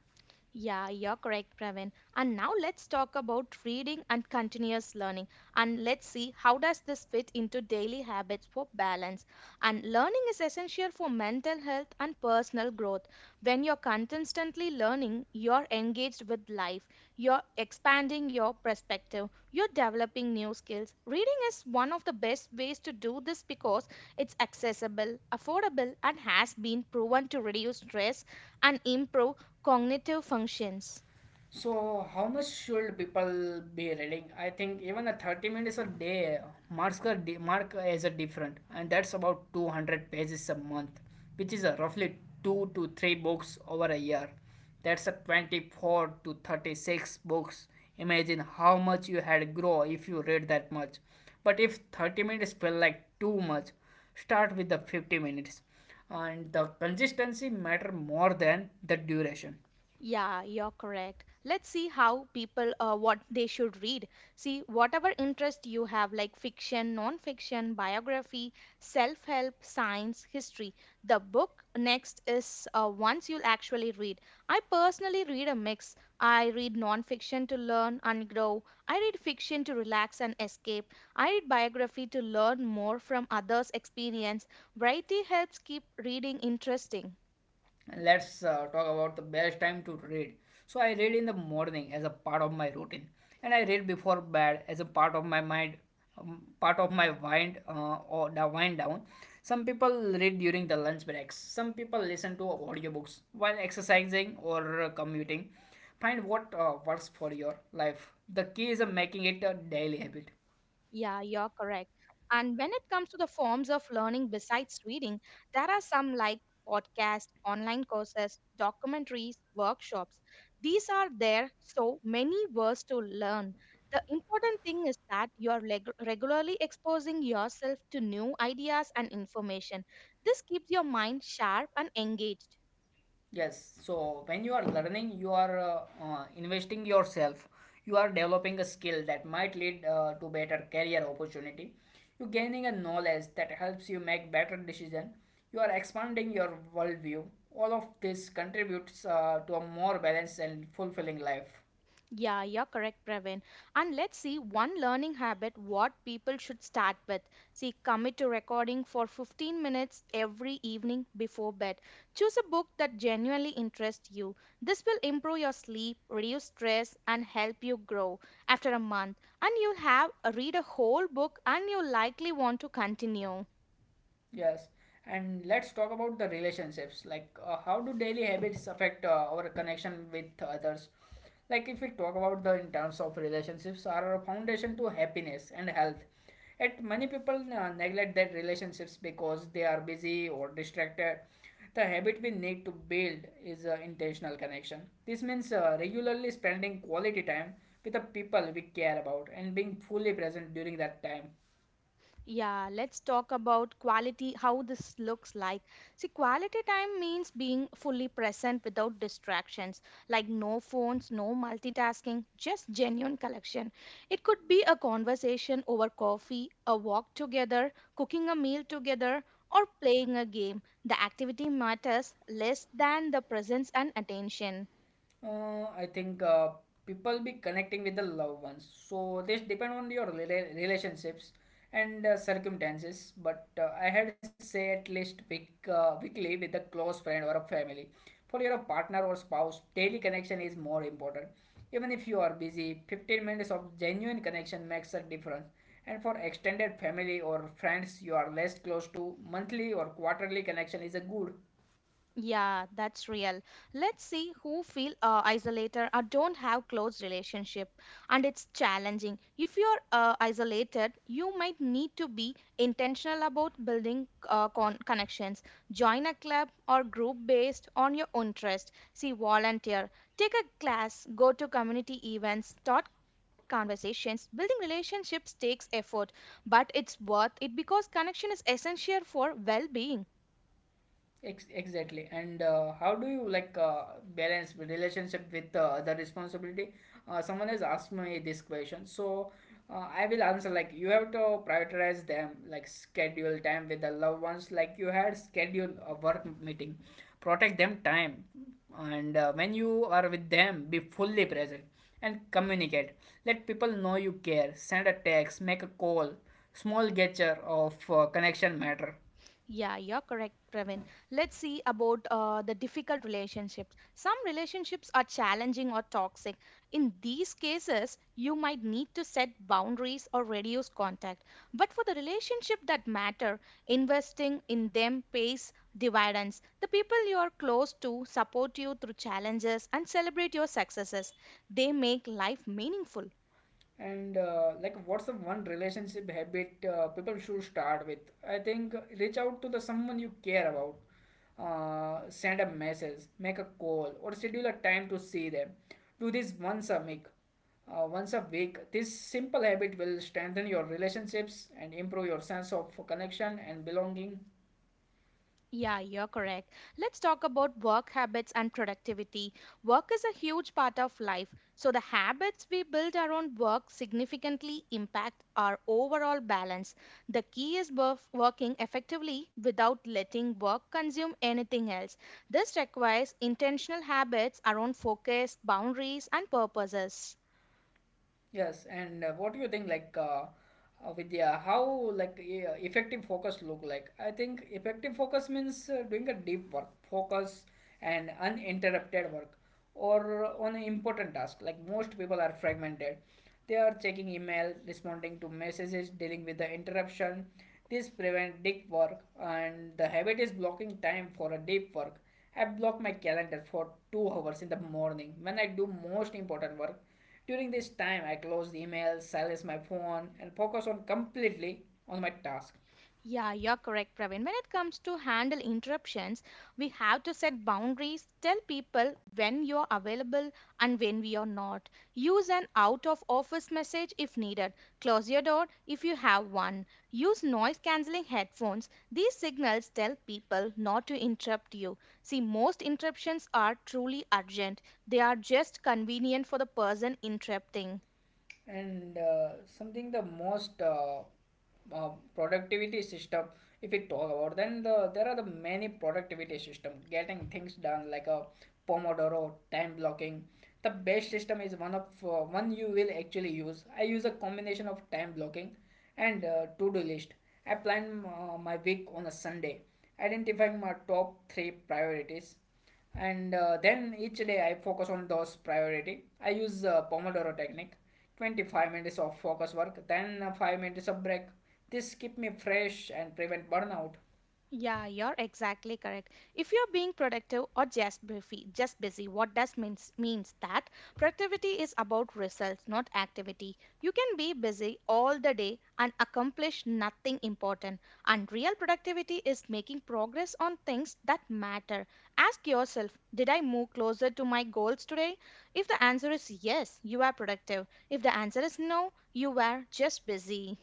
Speaker 2: Yeah, you're correct, Pravin. And now let's talk about reading and continuous learning. And let's see how does this fit into daily habits for balance. And learning is essential for mental health and personal growth. When you're consistently learning, you're engaged with life. You're expanding your perspective. You're developing new skills. Reading is one of the best ways to do this because it's accessible, affordable, and has been proven to reduce stress and improve cognitive functions.
Speaker 1: So, how much should people be reading? I think even a thirty minutes a day marks a di- mark as a different, and that's about two hundred pages a month, which is a roughly two to three books over a year. That's a twenty-four to thirty-six books. Imagine how much you had grow if you read that much. But if thirty minutes felt like too much, start with the fifty minutes, and the consistency matter more than the duration.
Speaker 2: Yeah, you're correct. Let's see how people, uh, what they should read. See, whatever interest you have, like fiction, non-fiction, biography, self-help, science, history. The book next is uh, ones you'll actually read. I personally read a mix. I read non-fiction to learn and grow. I read fiction to relax and escape. I read biography to learn more from others' experience. Variety helps keep reading interesting.
Speaker 1: Let's uh, talk about the best time to read. So I read in the morning as a part of my routine, and I read before bed as a part of my mind um, part of my wind uh, or the wind down. Some people read during the lunch breaks, some people listen to audiobooks while exercising or uh, commuting. Find what uh, works for your life. The key is uh, making it a daily habit.
Speaker 2: Yeah, you're correct. And when it comes to the forms of learning besides reading, there are some like podcasts, online courses, documentaries, workshops. These are there so many ways to learn. The important thing is that you're leg- regularly exposing yourself to new ideas and information. This keeps your mind sharp and engaged.
Speaker 1: Yes, so when you are learning, you are uh, uh, investing yourself. You are developing a skill that might lead uh, to better career opportunity. You're gaining a knowledge that helps you make better decision. You are expanding your worldview. All of this contributes uh, to a more balanced and fulfilling life.
Speaker 2: Yeah, you're correct, Praveen. And let's see one learning habit what people should start with. See, commit to recording for fifteen minutes every evening before bed. Choose a book that genuinely interests you. This will improve your sleep, reduce stress, and help you grow after a month. And you'll have read a whole book and you'll likely want to continue.
Speaker 1: Yes, and let's talk about the relationships. Like, uh, how do daily habits affect uh, our connection with others? Like, if we talk about the in terms of relationships, are a foundation to happiness and health. Yet, many people uh, neglect their relationships because they are busy or distracted. The habit we need to build is uh, intentional connection. This means uh, regularly spending quality time with the people we care about and being fully present during that time.
Speaker 2: Yeah, let's talk about quality, how this looks like. See, quality time means being fully present without distractions, like no phones, no multitasking, just genuine connection. It could be a conversation over coffee, a walk together, cooking a meal together, or playing a game. The activity matters less than the presence and attention.
Speaker 1: Uh, I think uh, people be connecting with the loved ones. So this depend on your rela- relationships and uh, circumstances. But uh, I had say at least week, uh, weekly with a close friend or a family. For your partner or spouse, daily connection is more important. Even if you are busy, fifteen minutes of genuine connection makes a difference. And for extended family or friends you are less close to, monthly or quarterly connection is a good.
Speaker 2: Yeah, that's real. Let's see who feel uh, isolated or don't have close relationship, and it's challenging. If you're uh, isolated, you might need to be intentional about building uh, con- connections. Join a club or group based on your interest. See, volunteer, take a class, go to community events, start conversations. Building relationships takes effort, but it's worth it because connection is essential for well-being.
Speaker 1: Ex- exactly. And uh, how do you like uh, balance the relationship with uh, other responsibility? Uh, someone has asked me this question, so uh, I will answer like you have to prioritize them, like schedule time with the loved ones, like you had schedule a work meeting, protect them time, and uh, when you are with them, be fully present and communicate. Let people know you care. Send a text, make a call. Small gesture of uh, connection matter.
Speaker 2: Yeah, you're correct, Praveen. Let's see about uh, the difficult relationships. Some relationships are challenging or toxic. In these cases, you might need to set boundaries or reduce contact. But for the relationship that matter, investing in them pays dividends. The people you are close to support you through challenges and celebrate your successes. They make life meaningful.
Speaker 1: And uh, like, what's the one relationship habit uh, people should start with? I think uh, reach out to the someone you care about, uh, send a message, make a call, or schedule a time to see them. Do this once a week. Uh, once a week, this simple habit will strengthen your relationships and improve your sense of connection and belonging.
Speaker 2: Yeah, you're correct. Let's talk about work habits and productivity. Work is a huge part of life, so the habits we build around work significantly impact our overall balance. The key is worf- working effectively without letting work consume anything else. This requires intentional habits around focus, boundaries, and purposes.
Speaker 1: Yes, and uh, what do you think, like, uh, uh, Vidya, how like e- uh, effective focus look like? I think effective focus means uh, doing a deep work, focus and uninterrupted work, or on an important task. Like most people are fragmented, they are checking email, responding to messages, dealing with the interruption. This prevent deep work, and the habit is blocking time for a deep work. I block my calendar for two hours in the morning when I do most important work. During this time, I close the email, silence my phone, and focus on completely on my task.
Speaker 2: Yeah, you're correct, Praveen. When it comes to handle interruptions, we have to set boundaries, tell people when you're available and when we are not. Use an out of office message if needed. Close your door if you have one. Use noise cancelling headphones. These signals tell people not to interrupt you. See, most interruptions are truly urgent, they are just convenient for the person interrupting.
Speaker 1: And uh, something the most uh, uh, productivity system. If we talk about then the, there are the many productivity system getting things done like a pomodoro time blocking. The best system is one of uh, one you will actually use. I use a combination of time blocking and uh, to-do list. I plan uh, my week on a Sunday, identifying my top three priorities, and uh, then each day I focus on those priority. I use uh, pomodoro technique, twenty-five minutes of focus work, then uh, five minutes of break. This keep me fresh and prevent burnout.
Speaker 2: Yeah, you're exactly correct. If you're being productive or just busy, just busy, what does means means that productivity is about results, not activity. You can be busy all the day and accomplish nothing important. And real productivity is making progress on things that matter. Ask yourself, did I move closer to my goals today? If the answer is yes, you are productive. If the answer is no, you were just busy.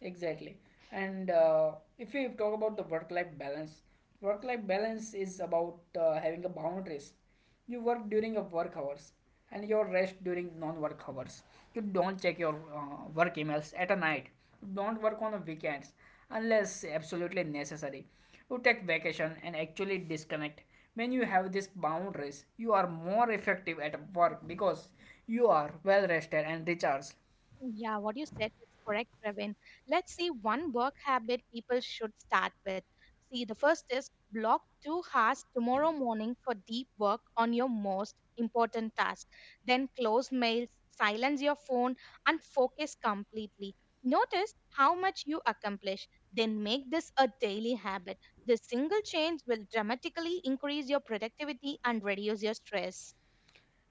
Speaker 1: Exactly. And uh, if we talk about the work life balance, work life balance is about uh, having a boundaries. You work during your work hours and your rest during non work hours. You don't check your uh, work emails at a night. You don't work on the weekends unless absolutely necessary. You take vacation and actually disconnect. When you have these boundaries, you are more effective at work because you are well rested and recharged.
Speaker 2: Yeah, what you said is correct, Praveen. Let's see one work habit people should start with. See, the first is block two hours tomorrow morning for deep work on your most important task. Then close mails, silence your phone, and focus completely. Notice how much you accomplish. Then make this a daily habit. This single change will dramatically increase your productivity and reduce your stress.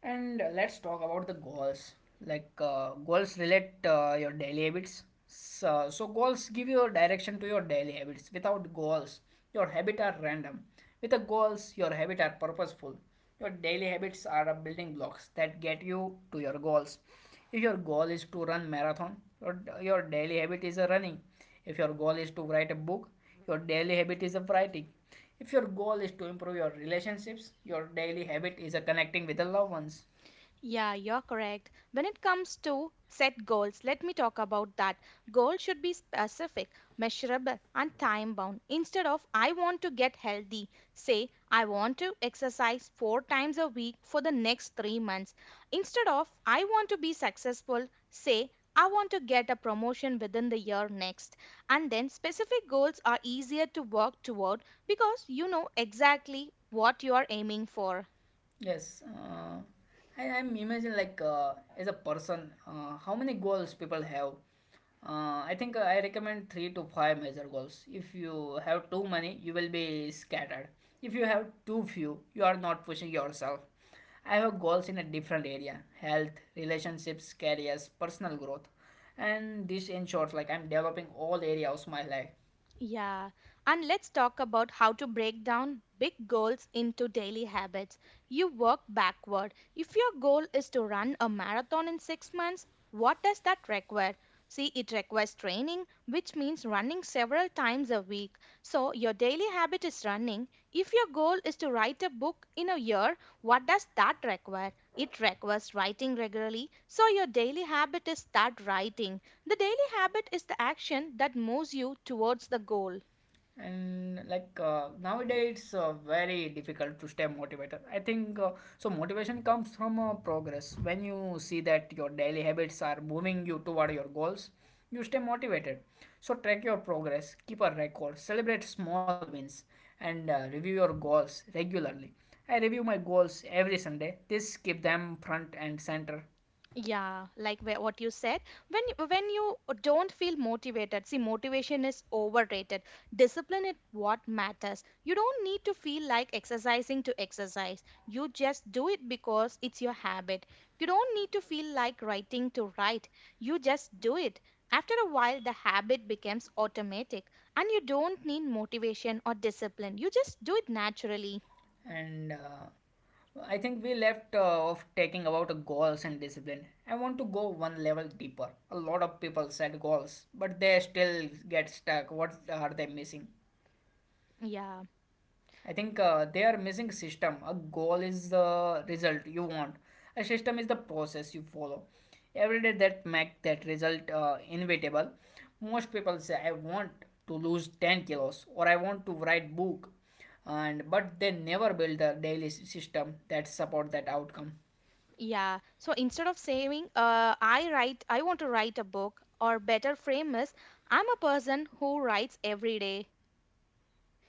Speaker 1: And uh, let's talk about the goals. Like uh, goals relate uh, your daily habits. So, so goals give you a direction to your daily habits. Without goals, your habits are random. With the goals, your habits are purposeful. Your daily habits are a building blocks that get you to your goals. If your goal is to run marathon, your, your daily habit is a running. If your goal is to write a book, your daily habit is a writing. If your goal is to improve your relationships, your daily habit is uh, connecting with the loved ones.
Speaker 2: Yeah, you're correct. When it comes to set goals, let me talk about that. Goals should be specific, measurable, and time bound. Instead of "I want to get healthy," say "I want to exercise four times a week for the next three months." Instead of "I want to be successful," say "I want to get a promotion within the year next." And then specific goals are easier to work toward because you know exactly what you are aiming for.
Speaker 1: Yes, uh, I, am imagine like uh, as a person, uh, how many goals people have. Uh, I think uh, I recommend three to five major goals. If you have too many, you will be scattered. If you have too few, you are not pushing yourself. I have goals in a different area: health, relationships, careers, personal growth, and this ensures like I'm developing all areas of my life.
Speaker 2: Yeah, and let's talk about how to break down big goals into daily habits. You work backward. If your goal is to run a marathon in six months, what does that require? See, it requires training, which means running several times a week. So, your daily habit is running. If your goal is to write a book in a year, what does that require? It requires writing regularly. So, your daily habit is start writing. The daily habit is the action that moves you towards the goal.
Speaker 1: And like uh, nowadays it's uh, very difficult to stay motivated. I think uh, so motivation comes from uh, progress. When you see that your daily habits are moving you toward your goals, you stay motivated. So track your progress, keep a record, celebrate small wins, and uh, review your goals regularly. I review my goals every Sunday. This keep them front and center.
Speaker 2: Yeah, like wh- what you said. When you- when you don't feel motivated, see, motivation is overrated. Discipline is what matters. You don't need to feel like exercising to exercise. You just do it because it's your habit. You don't need to feel like writing to write. You just do it. After a while, the habit becomes automatic, and you don't need motivation or discipline. You just do it naturally.
Speaker 1: And uh, I think we left uh, off talking about goals and discipline. I want to go one level deeper. A lot of people set goals, but they still get stuck. What are they missing?
Speaker 2: Yeah.
Speaker 1: I think uh, they are missing system. A goal is the result you want. A system is the process you follow. Every day that make that result uh, inevitable. Most people say I want to lose ten kilos or I want to write book and but they never build a daily s- system that support that outcome.
Speaker 2: Yeah. So instead of saying, uh, I write, I want to write a book, or better frame is, I'm a person who writes every day.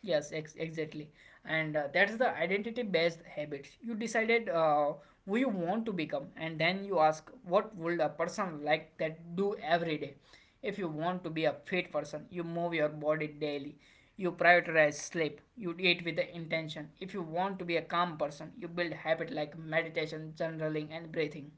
Speaker 1: Yes, ex- exactly. And uh, that's the identity based habits. You decided uh, who you want to become, and then you ask, what would a person like that do every day? If you want to be a fit person, you move your body daily. You prioritize sleep. You eat with the intention. If you want to be a calm person, you build habit like meditation, journaling, and breathing.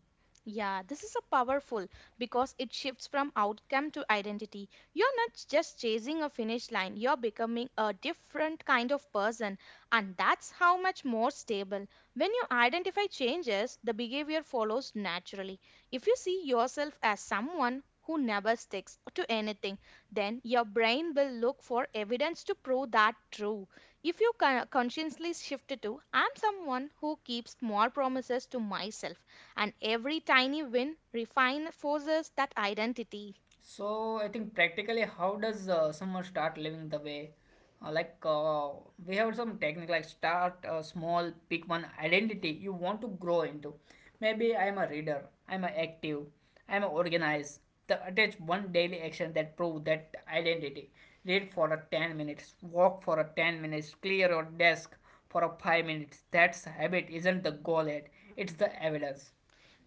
Speaker 2: Yeah, this is a powerful because it shifts from outcome to identity. You're not just chasing a finish line, you're becoming a different kind of person, and that's how much more stable. When you identify changes, the behavior follows naturally. If you see yourself as someone who never sticks to anything, then your brain will look for evidence to prove that true. If you con- consciously shift to, I'm someone who keeps more promises to myself and every tiny win reinforces that identity.
Speaker 1: So I think practically, how does uh, someone start living the way? Uh, like uh, we have some technique, like start uh, small, pick one identity you want to grow into. Maybe I'm a reader, I'm active, I'm organized. The attach one daily action that prove that identity. Read for a ten minutes, walk for a ten minutes, clear your desk for a five minutes. That's habit isn't the goal yet; it's the evidence.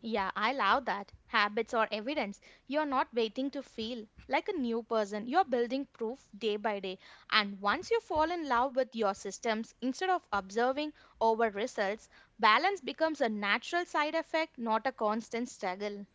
Speaker 2: Yeah, I love that. Habits or evidence. You're not waiting to feel like a new person. You're building proof day by day. And once you fall in love with your systems, instead of observing over results, balance becomes a natural side effect, not a constant struggle.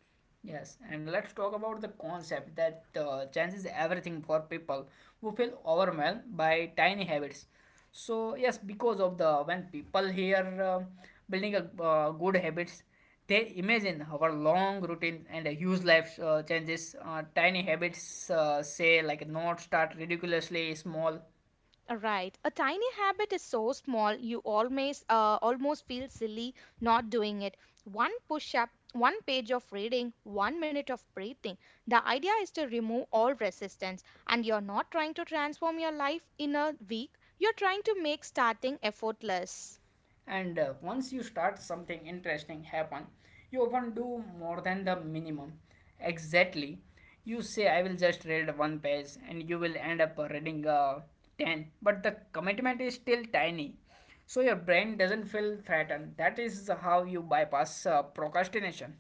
Speaker 1: Yes, and let's talk about the concept that uh, chance is everything for people who feel overwhelmed by tiny habits. So yes, because of the when people hear um building a uh, good habits, they imagine our long routine and a huge life uh, changes. Uh, tiny habits uh, say like not start ridiculously small
Speaker 2: Uh, Right. A tiny habit is so small you almost uh, almost feel silly not doing it. One push up, one page of reading, one minute of breathing. The idea is to remove all resistance, and you're not trying to transform your life in a week. You're trying to make starting effortless.
Speaker 1: and uh, once you start something interesting happen, you often do more than the minimum. Exactly. You say I will just read one page and you will end up reading uh, ten, but the commitment is still tiny, so your brain doesn't feel threatened. That is how you bypass uh, procrastination.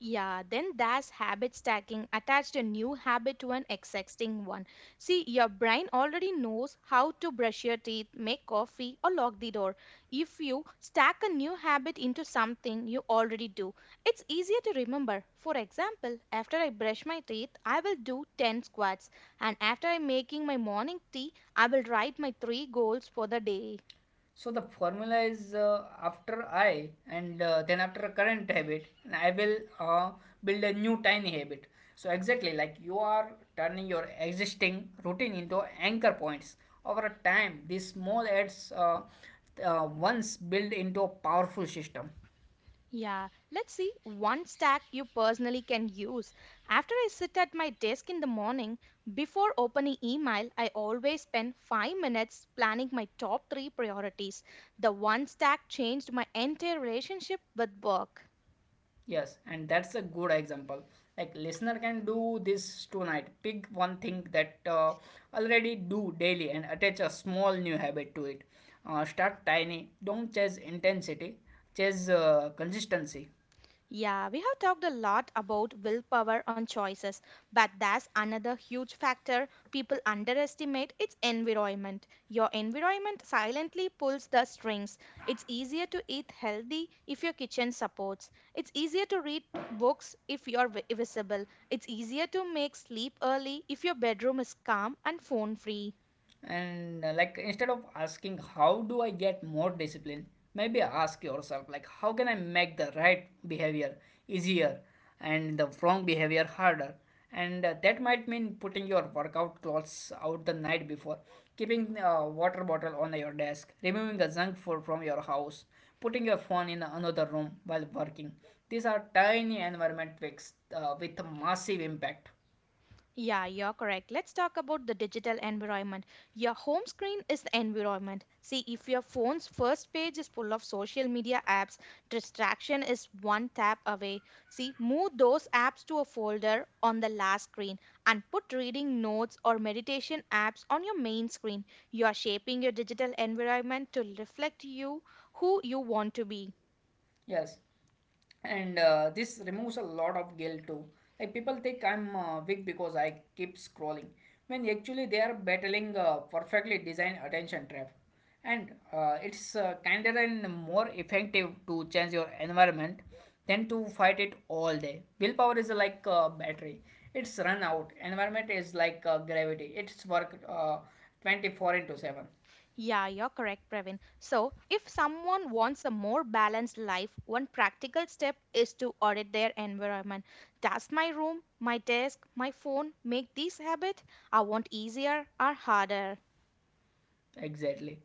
Speaker 2: Yeah, then that's habit stacking. Attached a new habit to an existing one. See, your brain already knows how to brush your teeth, make coffee, or lock the door. If you stack a new habit into something you already do, it's easier to remember. For example, after I brush my teeth, I will do ten squats, and after I'm making my morning tea, I will write my three goals for the day.
Speaker 1: So the formula is uh, after I and uh, then after a current habit, and I will uh, build a new tiny habit. So exactly like you are turning your existing routine into anchor points. Over a time, these small ads uh, uh, once build into a powerful system.
Speaker 2: Yeah, let's see one stack you personally can use. After I sit at my desk in the morning, before opening email, I always spend five minutes planning my top three priorities. The one stack changed my entire relationship with work.
Speaker 1: Yes, and that's a good example. Like listener can do this tonight. Pick one thing that uh, already do daily and attach a small new habit to it. Uh, start tiny. Don't chase intensity. Chase uh, consistency.
Speaker 2: Yeah, we have talked a lot about willpower on choices, but that's another huge factor people underestimate its environment. Your environment silently pulls the strings. It's easier to eat healthy if your kitchen supports. It's easier to read books if you're vi- visible. It's easier to make sleep early if your bedroom is calm and phone free.
Speaker 1: And uh, like instead of asking how do I get more discipline, maybe ask yourself like how can I make the right behavior easier and the wrong behavior harder. And uh, that might mean putting your workout clothes out the night before, keeping a water bottle on your desk, removing the junk food from your house, putting your phone in another room while working. These are tiny environment tweaks uh, with a massive impact.
Speaker 2: Yeah, you're correct. Let's talk about the digital environment. Your home screen is the environment. See, if your phone's first page is full of social media apps, distraction is one tap away. See, move those apps to a folder on the last screen and put reading notes or meditation apps on your main screen. You are shaping your digital environment to reflect you, who you want to be.
Speaker 1: Yes, and uh, this removes a lot of guilt too. Like people think I'm uh, weak because I keep scrolling, when actually they are battling a perfectly designed attention trap. And uh, it's uh, kinder and more effective to change your environment than to fight it all day. Willpower is like a battery; it's run out. Environment is like uh, gravity; it's work uh, twenty-four into seven.
Speaker 2: Yeah, you're correct, Praveen. So, if someone wants a more balanced life, one practical step is to audit their environment. Does my room, my desk, my phone make this habit I want easier or harder?
Speaker 1: Exactly.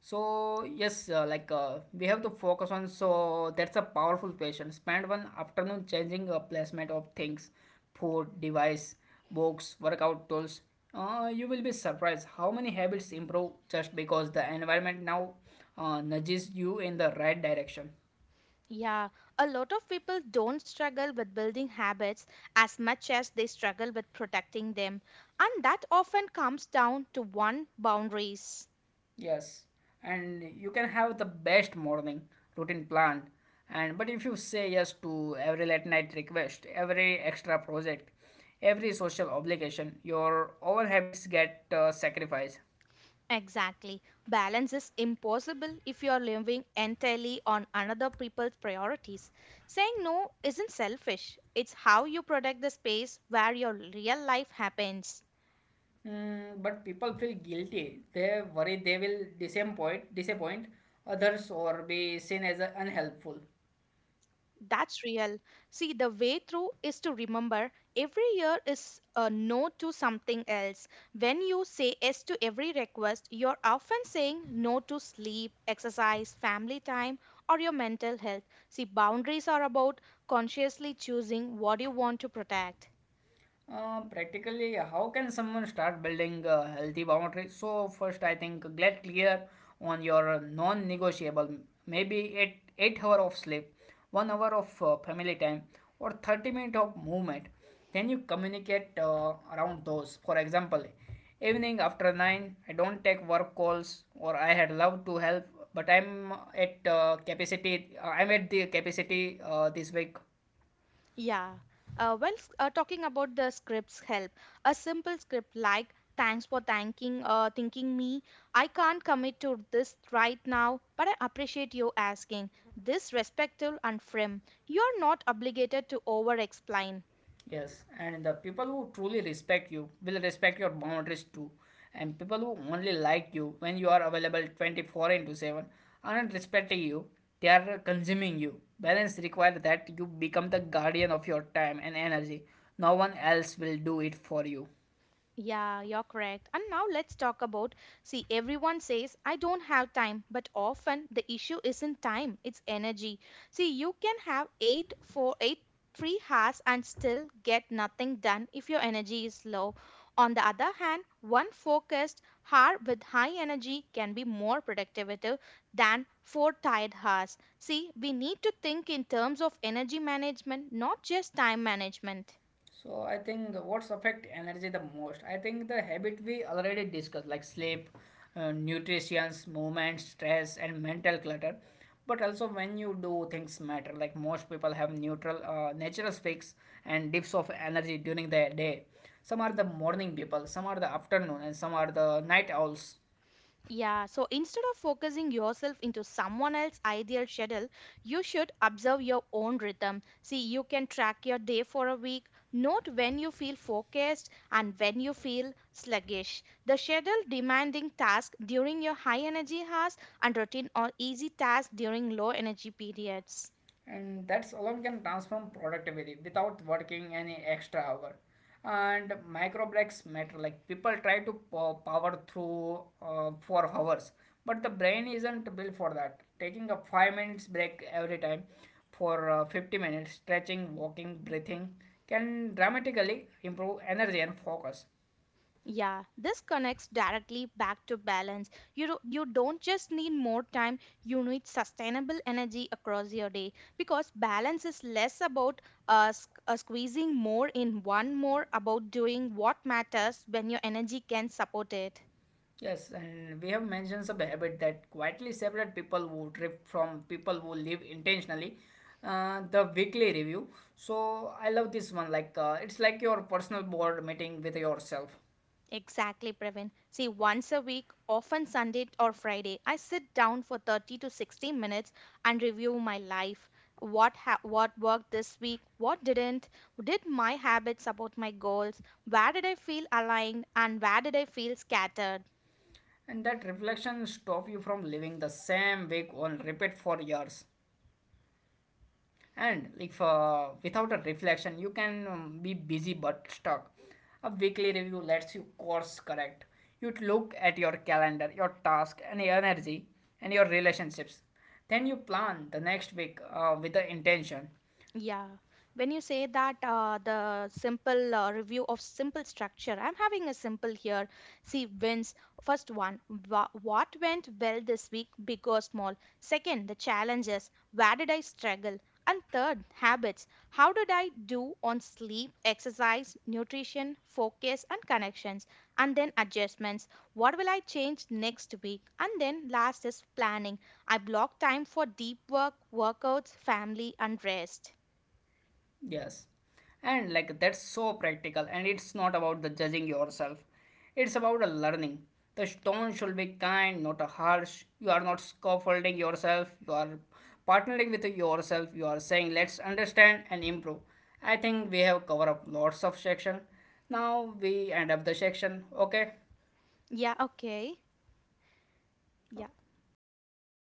Speaker 1: So yes, uh, like uh, we have to focus on. So that's a powerful question. Spend one afternoon changing a placement of things, food, device, books, workout tools. Uh, you will be surprised how many habits improve just because the environment now uh, nudges you in the right direction.
Speaker 2: Yeah, a lot of people don't struggle with building habits as much as they struggle with protecting them, and that often comes down to one boundaries.
Speaker 1: Yes, and you can have the best morning routine planned, and but if you say yes to every late night request, every extra project, every social obligation, your own habits get uh, sacrificed.
Speaker 2: Exactly. Balance is impossible if you are living entirely on another people's priorities. Saying no isn't selfish, it's how you protect the space where your real life happens.
Speaker 1: Mm, but people feel guilty. They worry they will disappoint, disappoint others or be seen as uh, unhelpful.
Speaker 2: That's real. See, the way through is to remember every year is a no to something else. When you say yes to every request, you're often saying no to sleep, exercise, family time, or your mental health. See, boundaries are about consciously choosing what you want to protect.
Speaker 1: Uh, practically, how can someone start building a healthy boundary? So first, I think get clear on your non-negotiable. Maybe eight eight hour of sleep, one hour of uh, family time, or thirty minute of movement. Then you communicate uh, around those. For example, evening after nine, I don't take work calls, or I had love to help, but I'm at uh, capacity. Uh, I'm at the capacity uh, this week.
Speaker 2: Yeah. Uh, when s- uh, talking about the scripts help, a simple script like "Thanks for thanking uh, thinking me. I can't commit to this right now, but I appreciate you asking." This respectful and firm. You're not obligated to over-explain.
Speaker 1: Yes, and the people who truly respect you will respect your boundaries too. And people who only like you when you are available twenty-four into seven aren't respecting you, they are consuming you. Balance requires that you become the guardian of your time and energy. No one else will do it for you.
Speaker 2: Yeah, you're correct. And now let's talk about, see, everyone says, I don't have time, but often the issue isn't time, it's energy. See, you can have eight, four, eight, three hours and still get nothing done if your energy is low. On the other hand, one focused hour with high energy can be more productive than four tired hours. See, we need to think in terms of energy management, not just time management.
Speaker 1: So I think what's affect energy the most? I think the habit we already discussed, like sleep, uh, nutrition, movement, stress, and mental clutter. But also when you do things matter, like most people have neutral, uh, natural peaks and dips of energy during the day. Some are the morning people, some are the afternoon, and some are the night owls.
Speaker 2: Yeah, so instead of focusing yourself into someone else's ideal schedule, you should observe your own rhythm. See, you can track your day for a week, note when you feel focused and when you feel sluggish. The schedule demanding tasks during your high energy hours and routine or easy tasks during low energy periods.
Speaker 1: And that's alone can transform productivity without working any extra hour. And micro breaks matter. Like people try to po- power through uh, for hours, but the brain isn't built for that. Taking a five minutes break every time for uh, fifty minutes stretching, walking, breathing can dramatically improve energy and focus.
Speaker 2: Yeah, this connects directly back to balance. You do, you don't just need more time, you need sustainable energy across your day because balance is less about uh, sq- uh, squeezing more in one more about doing what matters when your energy can support it.
Speaker 1: Yes, and we have mentioned some habit that quietly separate people who drift from people who live intentionally. Uh, the weekly review. So I love this one. Like uh, it's like your personal board meeting with yourself,
Speaker 2: Exactly, Pravin. See, once a week, often Sunday or Friday, I sit down for thirty to sixty minutes and review my life. What ha- what worked this week? What didn't? Did my habits support my goals? Where did I feel aligned and where did I feel scattered?
Speaker 1: and that reflection stop you from living the same week on repeat for years. And if uh, without a reflection you can um, be busy but stuck. A weekly review lets you course correct. You look at your calendar, your task and your energy and your relationships, then you plan the next week uh, with the intention.
Speaker 2: Yeah, when you say that, uh, the simple uh, review of simple structure, I'm having a simple here. See, wins. First one, wha- what went well this week, big or small? Second, the challenges. Where did I struggle? And third, habits. How did I do on sleep, exercise, nutrition, focus, and connections? And then adjustments. What will I change next week? And then last is planning. I block time for deep work, workouts, family, and rest.
Speaker 1: Yes. And like that's so practical and it's not about the judging yourself. It's about a learning. The stone should be kind, not a harsh. You are not scaffolding yourself. You are partnering with yourself. You are saying let's understand and improve. I think we have covered up lots of section. Now we end up the section. Okay.
Speaker 2: Yeah, okay. Yeah. Thank you so much.